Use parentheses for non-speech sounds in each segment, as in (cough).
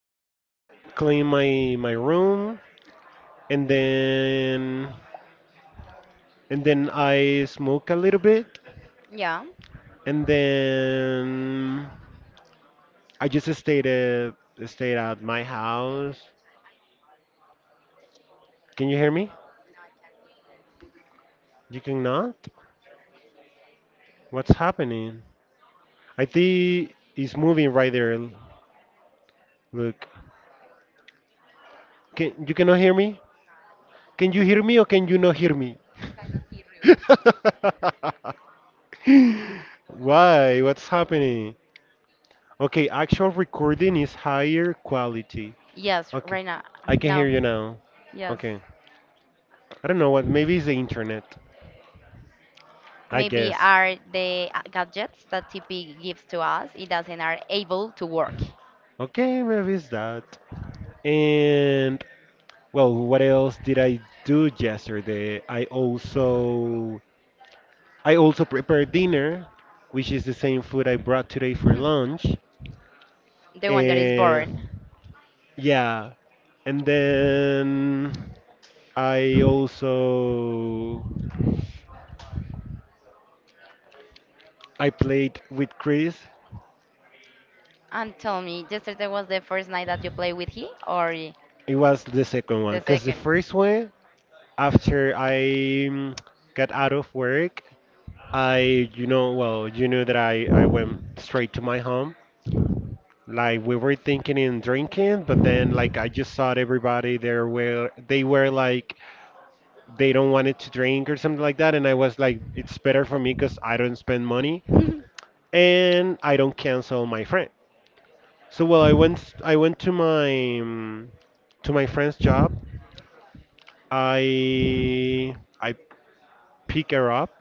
I clean my room and then I smoke a little bit Yeah, and then I just stayed stayed at my te dejé house. escuchar. I Can you hear super me? well. No, I can't hear you. You I only cannot? listen your voice, but not on the What's headphones. happening? I think it's moving right there. Look. Can you cannot hear me? No, I can't hear Can you you. hear me or can you not hear me? I cannot hear you. You. (laughs) Why? What's happening? Okay, actual recording is higher quality. Yes, Okay, right now. I can No. hear you now. Yes. Okay, I don't know what, maybe it's the internet, I Maybe guess. are the gadgets that TP gives to us, it doesn't are able to work. Okay, maybe it's that. And, well, what else did I do yesterday? I also prepared dinner, which is the same food I brought today for (laughs) lunch. The one that is born. And, yeah, and then I also I played with Chris. And tell me, yesterday was the first night that you played with he or It was the second one the because the second? first one, after I mm, got out of work, I, you know, well, you know that I went straight to my home. Like we were thinking in drinking, but then like I just saw everybody there where they were like they don't wanted to drink or something like that, and I was like, it's better for me because I don't spend money (laughs) On and I don't cancel my friend. So well, I went to my mm, to my friend's job I I pick her up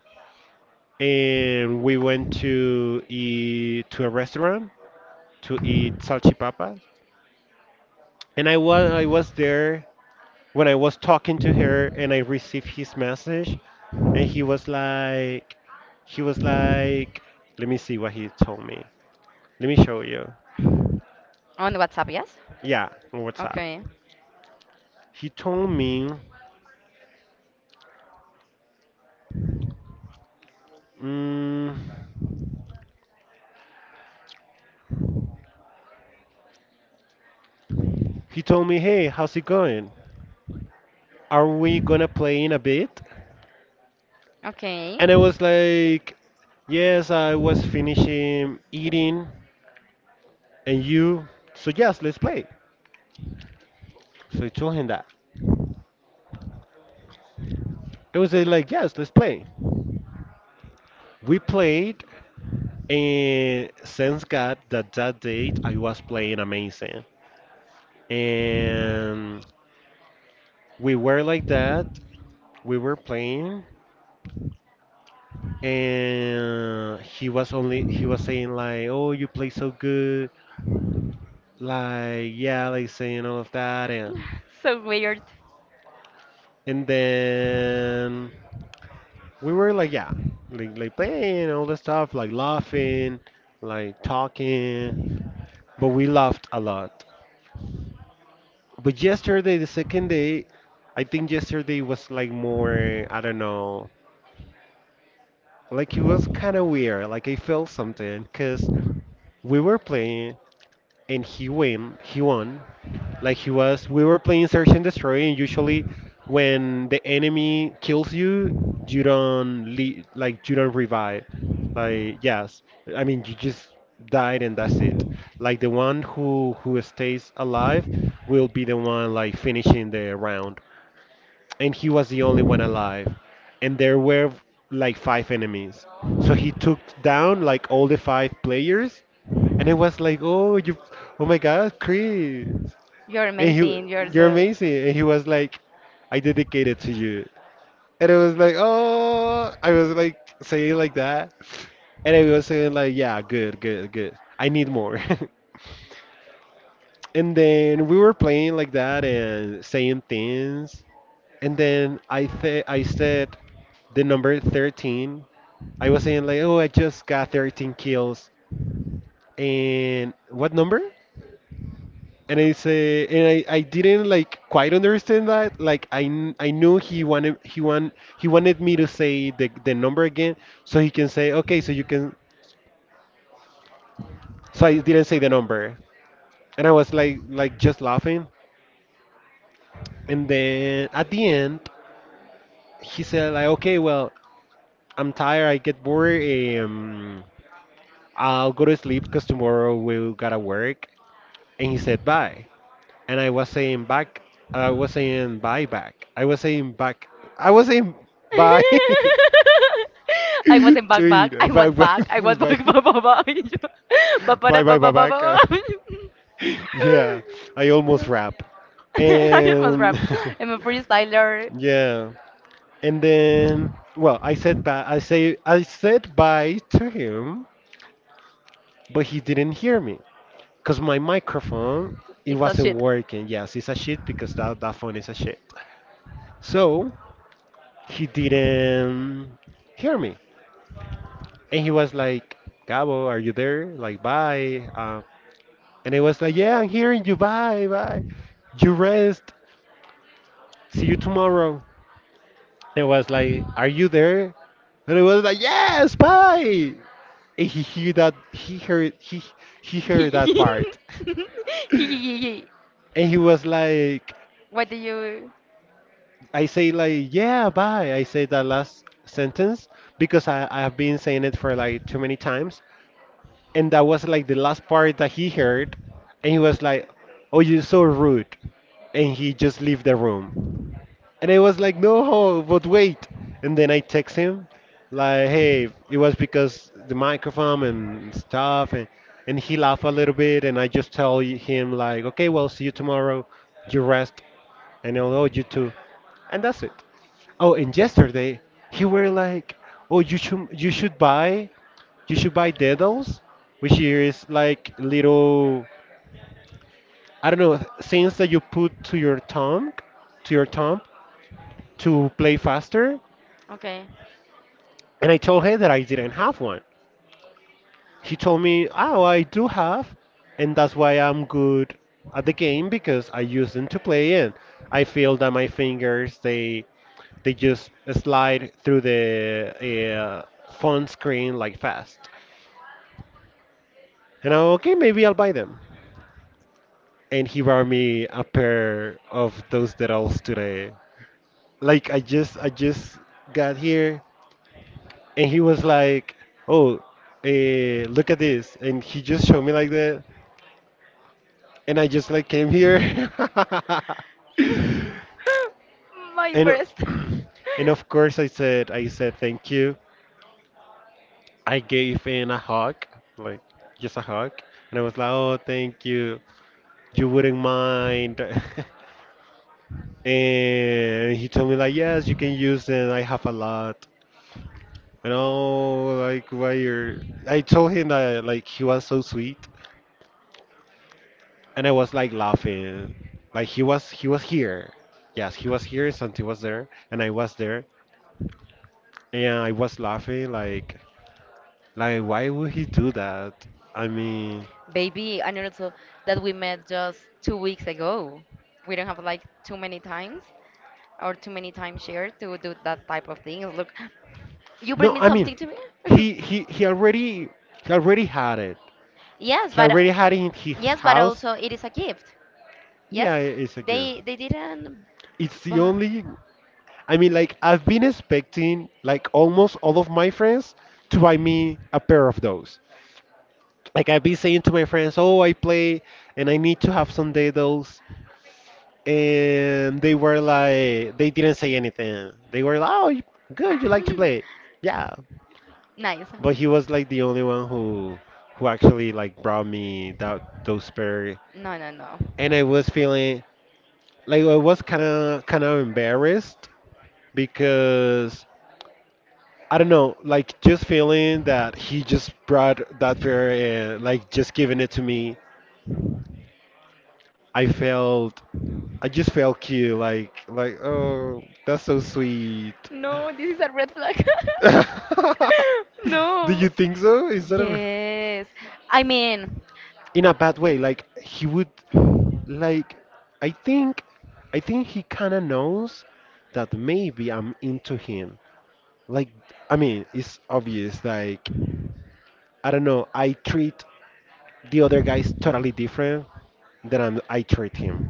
and we went to eat to a restaurant to eat salchipapas. And I was there when I was talking to her and I received his message and he was like let me see what he told me. Let me show you. WhatsApp, yes? Yeah, on WhatsApp. Okay. He told me mm, he told me, "Hey, how's it going? Are we gonna play in a bit?" Okay. And I was like, yes, I was finishing eating, and you, so yes, let's play. So I told him that. I was like, yes, let's play. We played, and thanks God that that date I was playing amazing. And we were like that. We were playing, and he was saying like, oh, you play so good, like yeah, like saying all of that, (laughs) So weird. and then. We were like yeah, like playing all the stuff, like laughing, like talking, but we laughed a lot. But yesterday, the second day, I think yesterday was like more, I don't know, like it was kind of weird, like I felt something because we were playing and he won. Like he was, we were playing search and destroy, and usually when the enemy kills you, you don't le like you don't revive. Like yes, I mean you just died and that's it. Like the one who stays alive will be the one like finishing the round. And he was the only one alive, and there were like five enemies. So he took down like all the five players, and it was like, oh you, oh my God, Chris. You're And he, amazing. You're you're so. amazing. And he was like, I dedicated to you. And it was like, oh, I was like saying like that. And I was saying like, yeah, good, good, good. I need more. (laughs) And then we were playing like that and saying things. And then I said the number 13. I was saying like, oh, I just got 13 kills. And what number? And I say, and I didn't like quite understand that. Like I knew he wanted me to say the number again, so he can say okay, so you can. So I didn't say the number, and I was like just laughing. And then at the end, he said like okay, well I'm tired, I get bored, um, I'll go to sleep because tomorrow we gotta work. And he said bye. And I was saying back. I was saying bye back. I was saying back. I was saying (laughs) bye (laughs) I to wasn't back back. I it. Bye was bye back. I was (laughs) (laughs) back back back back. (laughs) Ba- ba- da- bye bye bye ba- bye ba- ba- back. Ba- ba. (laughs) (laughs) yeah, I almost rap. I must And rap. I'm a freestyler. (laughs) yeah, and then well, I said bye. I said bye to him, but he didn't hear me because my microphone it It's a wasn't shit. working. Yes, it's a shit because that phone is a shit. So he didn't hear me. And he was like, Gabo, are you there? Like, bye. And I was like, yeah, I'm hearing you. Bye, bye. You rest. See you tomorrow. And I was like, are you there? And I was like, yes, bye. And he heard that part. (laughs) (laughs) And he was like, What do you? I say like, yeah, bye. I say that last sentence because I have been saying it for like too many times. And that was like the last part that he heard, and he was like oh you're so rude, and he just left the room, and I was like no but wait, and then I text him like hey it was because the microphone and stuff, and he laughed a little bit and I just tell him like okay well see you tomorrow, you rest, and I'll owe you too, and that's it. Oh, and yesterday he were like oh you should buy Dedals, which is like little, I don't know, things that you put to your to your thumb to play faster. Okay. And I told him that I didn't have one. He told me, "Oh, I do have, and that's why I'm good at the game because I use them to play in. I feel that my fingers they just slide through the uh, phone screen like fast." And I okay, maybe I'll buy them. And he brought me a pair of those Dedals today. Like I just got here and he was like, "Oh, eh, look at this." And he just showed me like that and I just like came here. (laughs) And (laughs) (clears throat) My breast. and of course I said thank you. I gave in a hug, like just a hug. And I was like, "Oh, thank you. You wouldn't mind." (laughs) And he told me like, yes, you can use them. I have a lot. You know, like why you're. I told him that like he was so sweet, and I was like laughing, like he was here. Yes, he was here. Something was there, and I was there, and I was laughing like why would he do that? I mean, Baby, and also that we met just 2 weeks ago. We don't have like too many times or too many times share to do that type of things. Look, you bring no, me I mean, something to me? (laughs) he he he already he already had it. Yes, He but uh, already had it in his yes, but house. also it is a gift. Yeah, Yes, it's a gift. they didn't It's the buy. only I mean, like, I've been expecting, like, almost all of my friends to buy me a pair of those. Like, I've been saying to my friends, oh, I play and I need to have some those. And they were like, they didn't say anything. They were like, oh, good, you like to play. (laughs) Yeah. Nice. But he was, like, the only one who actually, like, brought me that those pair. No, no, no. And I was feeling, like, I was kind of, embarrassed because I don't know, like just feeling that he just brought that pair and like just giving it to me. I felt, I just felt cute, like oh, that's so sweet. No, this is a red flag. (laughs) (laughs) Do you No. think so? Is that a, Yes. I mean, in a bad way? Like he would like I think he kind of knows that maybe I'm into him. Like I mean, it's obvious like I don't know, I treat the other guys totally different that I treat him.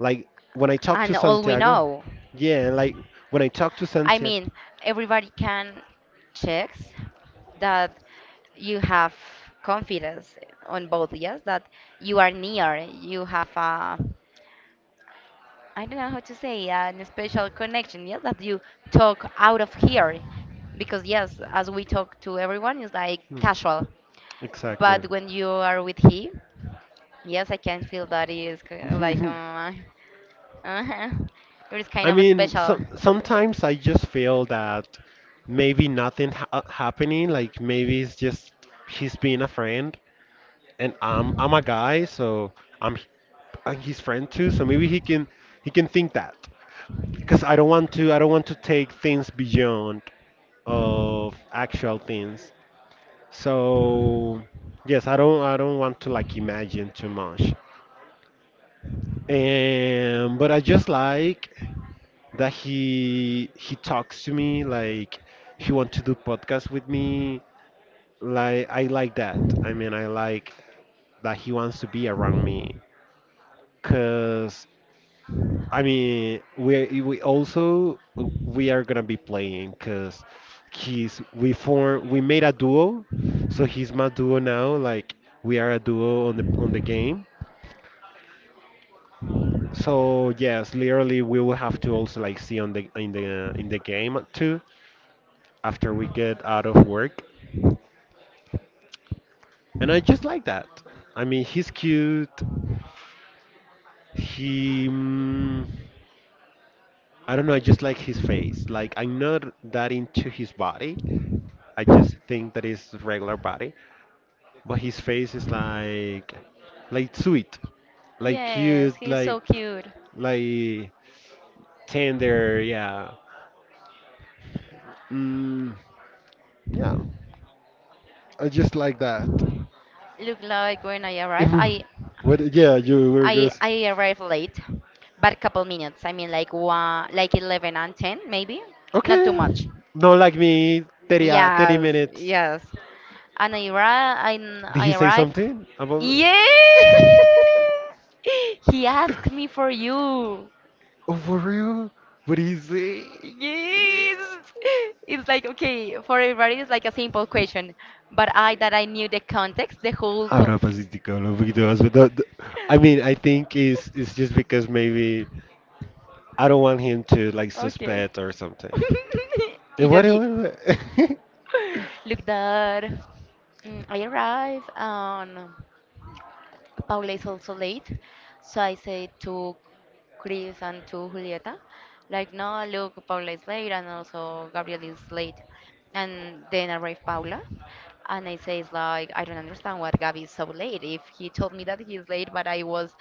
Like when I talk to and all we Santiago, know. yeah, like when I talk to I Santiago, mean, everybody can checks that you have confidence on both, yes, that you are near, you have a I don't know how to say, a special connection, yes, that you talk out of here. Because yes, as we talk to everyone, it's like hmm, casual. exactly. But when you are with he, yes, I can feel that it is like (laughs) uh, (laughs) it is kind I of mean, special. Sometimes I just feel that maybe nothing happening. Like maybe it's just he's being a friend, and I'm a guy, so I'm h- I'm his friend too. So maybe he can think that because I don't want to take things beyond of actual things. So yes, I don't want to like imagine too much. And but I just like that he talks to me like he want to do podcast with me. Like I like that. I mean I like that he wants to be around me. Because. I mean, we also we are gonna be playing because he's we made a duo, so he's my duo now. Like we are a duo on the game. So yes, literally we will have to also like see on the in the game too after we get out of work. And I just like that. I mean, he's cute. He I don't know. I just like his face. Like I'm not that into his body. I just think that it's regular body, but his face is like sweet, like cute, Yes, he's like so cute. like tender. Yeah. Mm, yeah. I just like that. (laughs) Look, like when I arrive, And I what? Yeah, you were gonna. I I arrived late, but a couple minutes. I mean, like one, like eleven and ten, maybe. Not too Okay. much. Not like me. 30 Yes, minutes. yes. And I arrive. I, Did I he say arrive. something about? (laughs) Yeah, Yeah. (laughs) he asked me for you. Oh, for real? What did he say? Yes. It's like, okay, for everybody, it's like a simple question. But I, that I knew the context, the whole co. Ahora Pacífico, los videos, but I mean, I (laughs) think it's just because maybe I don't want him to like Okay. suspect or something. (laughs) Y And what? just así, What? (laughs) look, that I arrive on Paula is also late. So I said to Chris and to Julieta, like, no, look, Paula is late and also Gabriel is late. And then arrived Paula. And I says like, I don't understand why Gabby is so late. If he told me that he's late, but I was,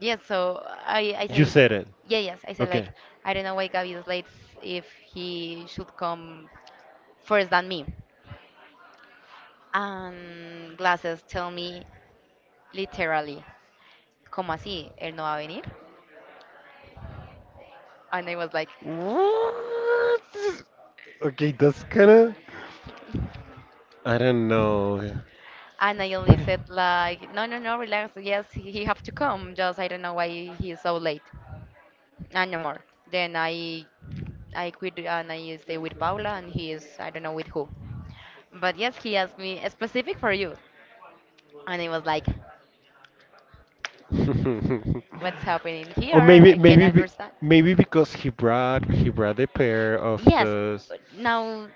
yes. So I You says, said it. yeah, yes. I said like, Okay. I don't know why Gabby is late if he should come first than me. And glasses tell me literally, ¿cómo así? Él no va a venir. And I was like, What? Okay, that's kind of. I don't know. and I only said like, no, no, no, relax. Yes, he have to come. Just I don't know why he's so late, and no more. Then I quit and I stay with Paula, and he is I don't know with who. But yes, he asked me a specific for you, and I was like, what's (laughs) happening Or here? I can understand. maybe because he brought a pair of Yes, those. now,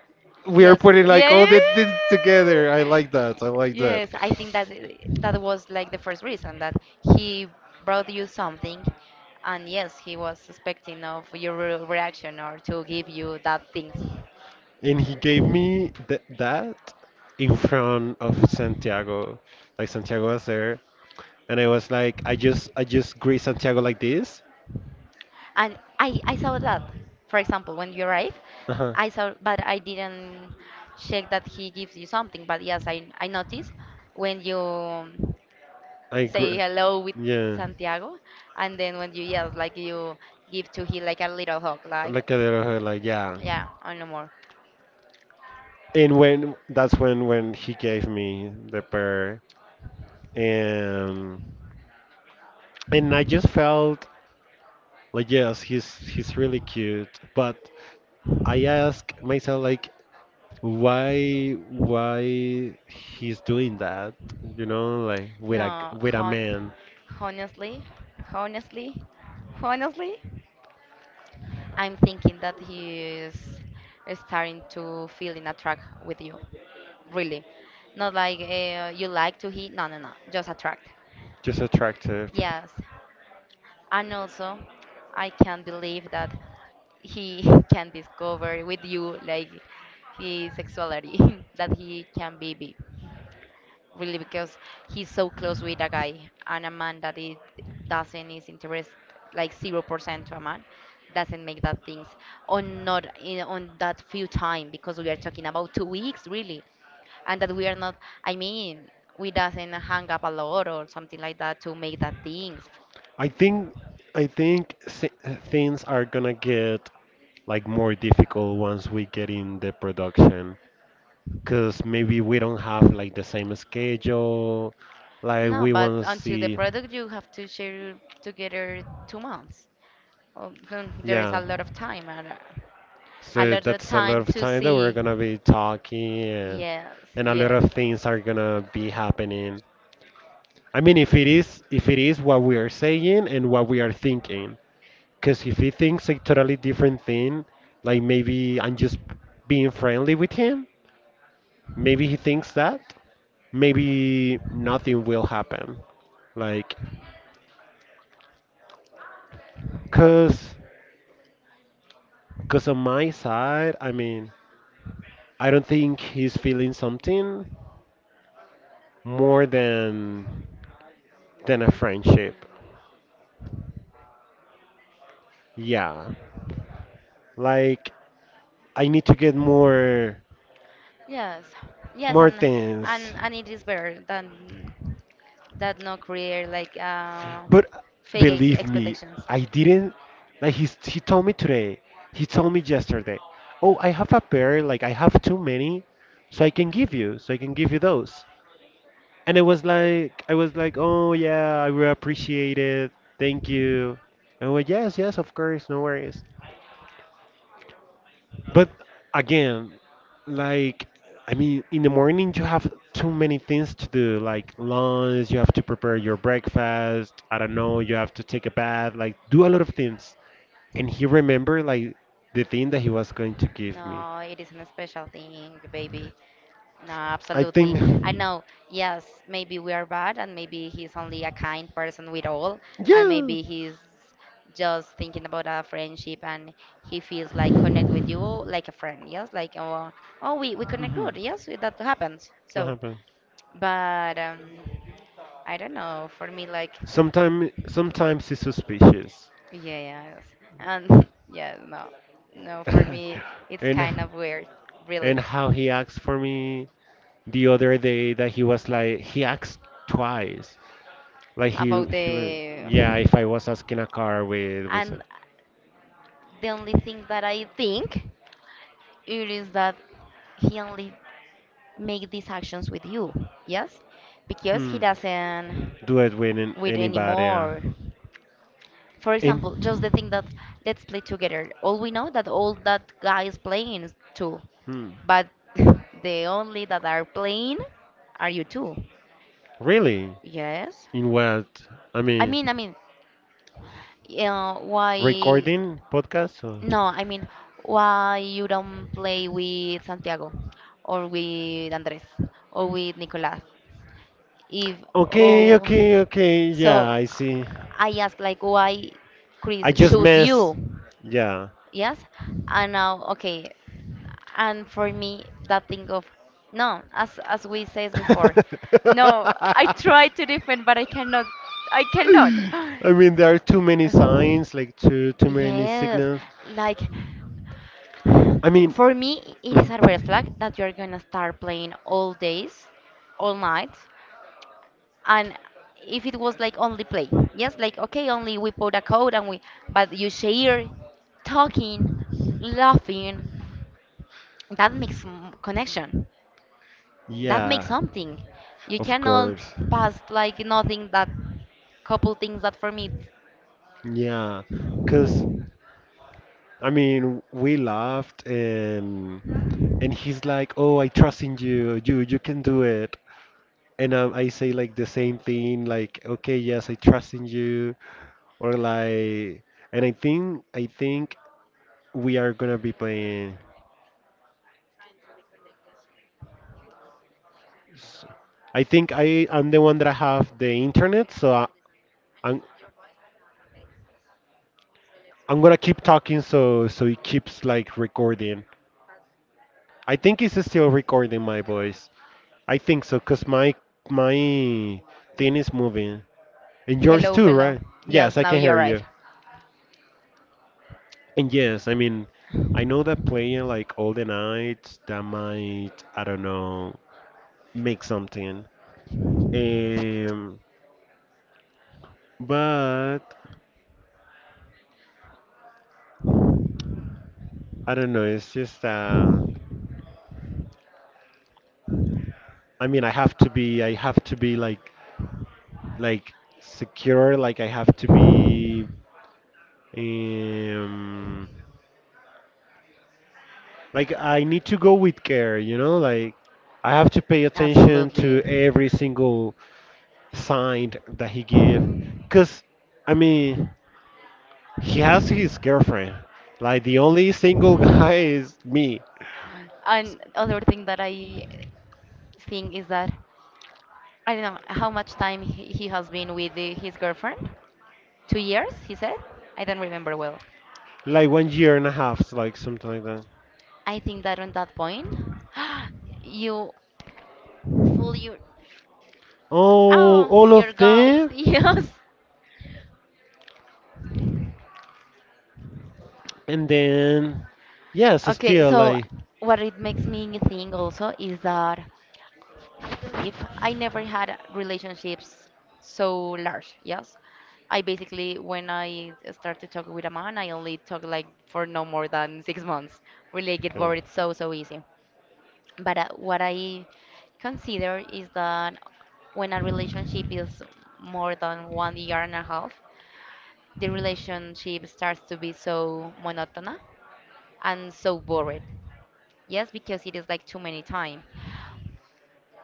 We are yes, putting like yeah. Yeah. all Yeah. the things together. I Yeah, like yeah. that. I like that. Yes, I think that that was like the first reason that he brought you something, and yes, he was expecting of your reaction or to give you that things. And he gave me that in front of Santiago. Like Santiago was there, and I was like, I just greet Santiago like this. And I saw that, for example, when you arrive, Uh huh. I saw, but I didn't check that he gives you something. But yes, I noticed when you I say gr- hello with yeah. Santiago, and then when you yes, like you give to him like a little hug, like Like a little her, like yeah. yeah, or no more. And when that's when he gave me the pair, and and I just felt like yes, he's really cute, but I ask myself like why he's doing that, like No, with a man honestly, honestly, honestly, I'm thinking that he is starting to feel in a track with you. Really. Not like you like to hit. No, no, no. Just attract. just attractive. Yes. And also, I can't believe that he (laughs) can discover with you like his sexuality, (laughs) that he can be bi. Really, because he's so close with a guy and a man that it doesn't is interest like 0% to a man doesn't make that things on not in on that few time because we are talking about 2 weeks really and that we are not. I mean, we doesn't hang up a lot or something like that to make that things. I think I think things are gonna get like more difficult once we get in the production because maybe we don't have like the same schedule like No, we but want to until the see. product you have to share together 2 months. Oh, then there is a Yeah. lot of time and a So lot of that's a lot time of to time that we're see. gonna be talking, and, Yes, and a lot yes, of things are gonna be happening. I mean, if it is what we are saying and what we are thinking, because if he thinks a totally different thing, like maybe I'm just being friendly with him, maybe he thinks that, maybe nothing will happen. Like, cause, cause on my side, I mean, I don't think he's feeling something more than a friendship. Yeah. Like I need to get more yes, yes, more and and things. and it is better than that not create like But fake ex believe me, expectations. I didn't like he told me today. He told me yesterday. Oh, I have a pair, like I have too many, so I can give you those. And it was like I was like, "Oh yeah, I will appreciate it. Thank you." And I went, "Yes, yes, of course, no worries." But again, like I mean, in the morning you have too many things to do, like lunch, you have to prepare your breakfast, I don't know, you have to take a bath, like do a lot of things. And he remembered like the thing that he was going to give me. No, it isn't a special thing, baby. No, I absolutely. I think. know. Yes, maybe we are bad, and maybe he's only a kind person with all, and Yeah. maybe he's just thinking about a friendship and he feels like connect with you like a friend, yes, like oh we connect hmm good, yes, that happens That so. happened. But I don't know. For me, like, Sometimes he's suspicious. yeah, yes, and (laughs) yeah, no, no. For me, (laughs) it's kind and of weird, really, and how he acts for me the other day that he was like he asked twice like he about he was. the. Yeah, if I was asking a car And the only thing that I think it is that he only make these actions with you, yes, because he hmm doesn't do it with with anybody. Anymore. For In example, just the thing that let's play together. All we know that all that guy is playing is two, hmm but (laughs) the only that are playing are you two. really, Yes. in what I I mean mean, I mean, why? recording podcast or. No, I mean, why you don't play with Santiago or with Andres or with Nicolas? If Okay, all, okay, okay. Yeah, so I see. I ask like why I Chris just chose mess. you? Yeah. Yes, and now okay, and for me that thing of no, as we said before, (laughs) no, I try to defend but I cannot I mean, (gasps) there are too many signs, like too many yes, signals. like I mean, for me it is a red flag that you're gonna start playing all days, all night, (laughs) and if it was like only play, yes, like okay, only we put a code and we, but you share, talking, laughing, that makes connection, that makes yeah, something. You of cannot course. pass like nothing, that couple things that for me, Yeah, because I mean, we laughed and he's like, "Oh, I trust in you. You can do it." And I say like the same thing, like, "Okay, yes, I trust in you," or like, and I think we are gonna be we have no playing. internet. Trying to reconnect, make sure you have a stable internet connection. s- I think I'm the one that have the Wait, internet, I so I, cannot listen to you. I I'm listen to your voice but not on the headphones. So let's I'm wait gonna keep until talking so it keeps like recording. but I think it's still recording my yes. voice. I think so, cause my thing is moving, and yours Hello, too, hello. right? Yes, Yes, I now can you hear arrive. you. And yes, I mean, I know that playing like all the night that might, I don't know, make something. Um, but I don't know. It's just I mean, I have to be like, secure. Like I have to be, um, like I need to go with care, like I have to pay attention Absolutely. to every single sign that he give cuz I mean, he has his girlfriend. Like the only single (laughs) guy is me. And other thing that I think is that I don't know how much time he has been with his girlfriend, 2 years, he said? I don't remember well. Like 1 year and a half, like something like that. I think that on that point, (gasps) you fool your. Oh, Oh, all your of of gums, (laughs) them? yes. And then yes, Okay, still so like what it makes me think also is that if I never had relationships so large, yes. I basically, when I start to talk with a man, I only talk like for no more than 6 months. Really, I get okay. bored so, so easy. But what I consider is that when a relationship is more than 1 year and a half, the relationship starts to be so monotonous and so boring. Yes, because it is like too many time.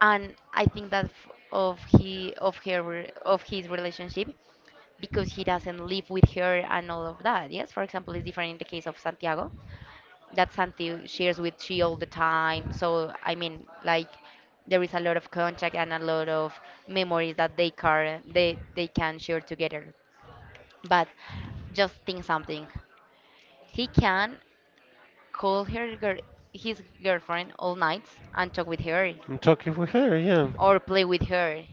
And I think that f- of he of her re- of his relationship because he doesn't live with her and all of that. Yes, for example, it's different in the case of Santiago that Santi shares with she all the time. So I mean, like there is a lot of contact and a lot of memories that they can share together. But just think something. He can call her girl, his girlfriend all nights and talk with her I'm talking with her, yeah. or play with her,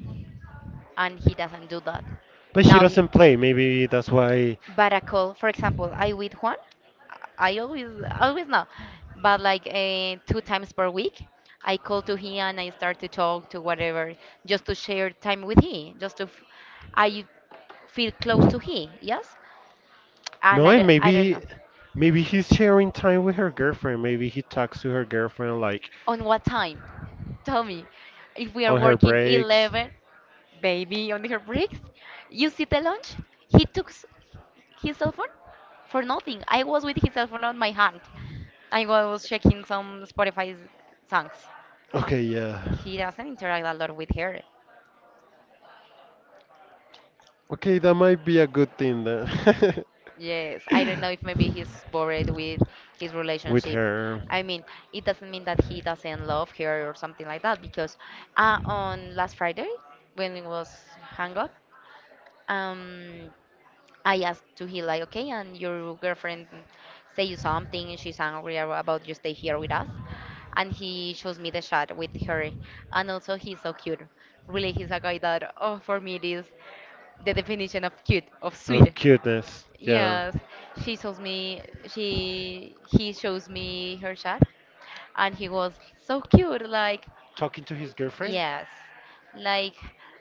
and he doesn't do that. But she Now he, doesn't play. Maybe that's why. but a call, for example, I with Juan, I always know, but like 2 times per week, I call to him and I start to talk to whatever, just to share time with him, just to I feel close to him, yes. And No, I and don't, I don't know maybe he's sharing time with her girlfriend. Maybe he talks to her girlfriend like on what time. Tell me, if we are on her working breaks. 11, baby, on her breaks, you see the lunch. He took his cell phone for nothing. I was with his cell phone on my hand. I was checking some Spotify songs. Okay, yeah. He doesn't interact a lot with her. Okay, that might be a good thing then. Yes, I don't know if maybe he's bored with his (laughs) With relationship. her. I mean, it doesn't mean that he doesn't love her or something like that because on last Friday when it was hang up, um, I asked to him like, okay, and your girlfriend say you something, and she's angry about you stay here with us, and he shows me the shot with her, and also he's so cute. Really, he's a guy that, oh, for me it is the definition of cute, of sweet. Of cuteness, yeah. Yes, she shows me, she, he shows me her shot, and he was so cute, like, Talking to his girlfriend? yes, like,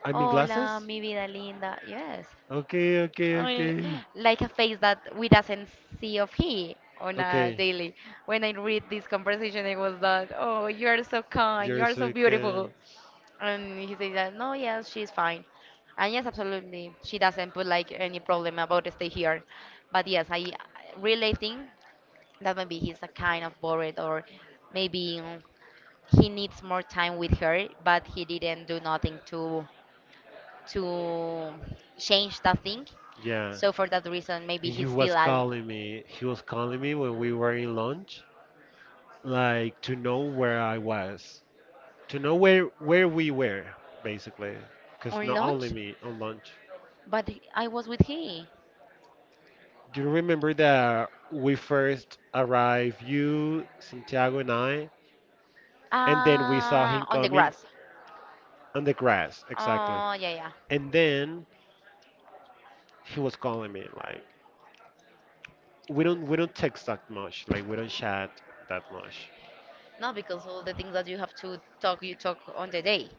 I mean hola, glasses? mi vida linda, yes. Okay, okay, I mean, okay. like a face that we doesn't see of he on a Okay. daily. When I read this conversation, it was that, oh, you are so kind, you You're are so so good. beautiful. And he said that, no, yes, she's fine. And yes, absolutely, she doesn't put like any problem about stay here. But yes, I really think that maybe he's a kind of bored or maybe he needs more time with her, but he didn't do nothing to change that thing. Yeah. So for that reason, maybe He he's was feel calling me. He was calling me when we were in lunch, like to know where I was, to know where we were, basically, because on not only lunch, me on lunch. but I was with he Do you remember that we first arrived, you, Santiago, and I, and then we saw him on the coming grass. on the grass, exactly. Oh yeah, yeah. And then he was calling me, like, we don't text that much like we don't chat that much. No, because all the things that you have to talk, you talk on the day.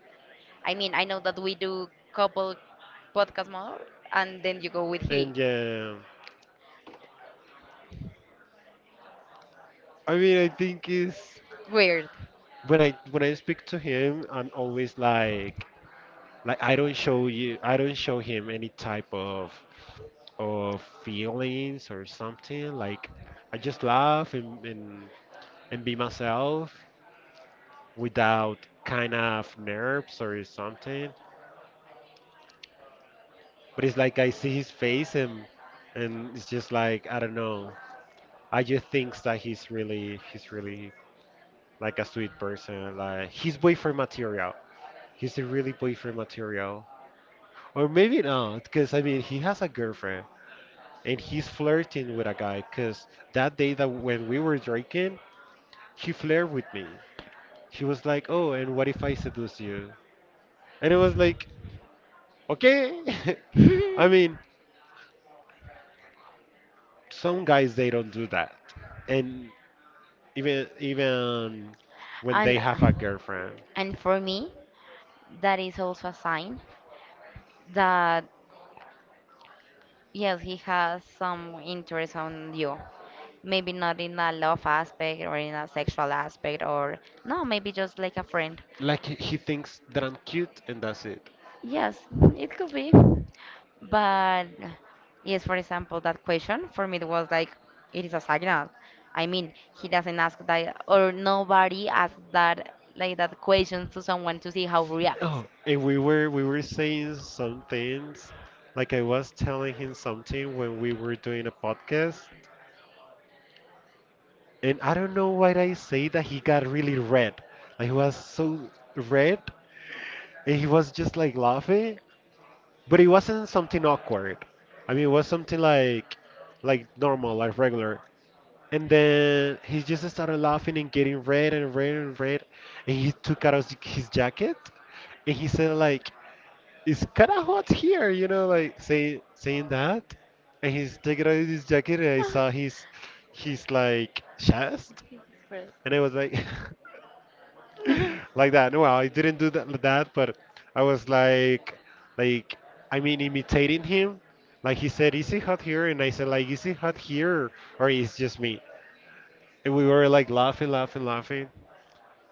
I mean, I know that we do couple podcast more, and then you go with he. And yeah, I mean, I think is Weird. when I speak to him, I'm always like, I don't show him any type of feelings or something like I just laugh and be myself without kind of nerves or something, but it's like I see his face and it's just like I don't know. I just think that he's really like a sweet person. Like he's boyfriend material. He's a really boyfriend material. Or maybe not, because I mean he has a girlfriend and he's flirting with a guy. Because that day that when we were drinking, he flirted with me. He was like, "Oh, and what if I seduce you?" And it was like, "Okay." (laughs) I mean, some guys they don't do that, and even when they And have a girlfriend. and for me, that is also a sign that, yes, he has some interest on you. Maybe not in a love aspect or in a sexual aspect or no, maybe just like a friend, Like he thinks that I'm cute and that's it. yes, it could be. But yes, for example, that question for me, it was like it is a signal. I mean, he doesn't ask that, or nobody asks that, like that question to someone to see how reacts. Oh, (laughs) and we were saying some things. Like I was telling him something when we were doing a podcast, and I don't know why I say that he got really red. Like he was so red and he was just like laughing. But it wasn't something awkward. I mean it was something like normal, like regular. And then he just started laughing and getting red and red and red. And he took out his jacket and he said like it's kinda hot here, like saying that. And he's taking out his jacket and I saw his like chest Express. and I was like (laughs) (laughs) It's (laughs) like that. No, I didn't do that, but I was like, like, I mean, imitating him. Like he said, "Is it hot here?" And I said, "Like, is it hot here, or is just me?" And we were like laughing, laughing, laughing.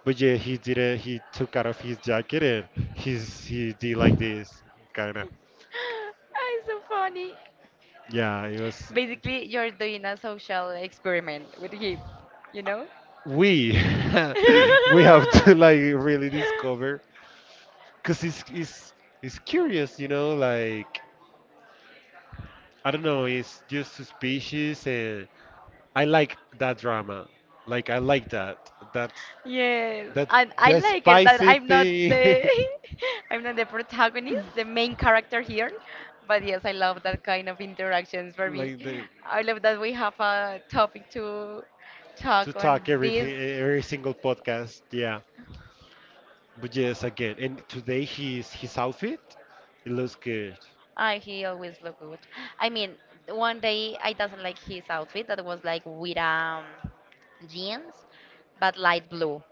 But yeah, he didn't. He took out of his jacket and he did like this, kind of. so funny, Yeah, it was. basically you're doing a social experiment with him you know We (laughs) we have to like (laughs) really discover, cause it's curious. Like I don't know, it's just suspicious and I like that drama. Like I like that. That's Yes, that and I the like it that spicy I'm not thing. the (laughs) (laughs) I'm not the protagonist, the main character here. But yes, I love that kind of interactions for me. like the I love that we have a topic to to talk on talk this. everything every single podcast. Yeah. But yes, again. And today his outfit, it looks good. I He always look good. I mean, one day I doesn't like his outfit that was like with jeans, but light blue,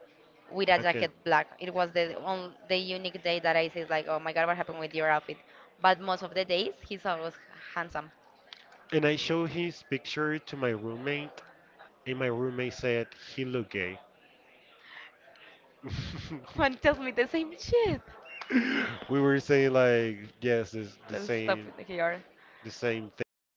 with a Again. jacket black. It was the unique day that I said like, oh my God, what happened with your outfit? But most of the days he's always handsome. And I showed his picture to my roommate, and my roommate said he looked gay. Juan (laughs) tells me the same shit. We were saying like yes, it's the Let's stop same with the here. the same thing.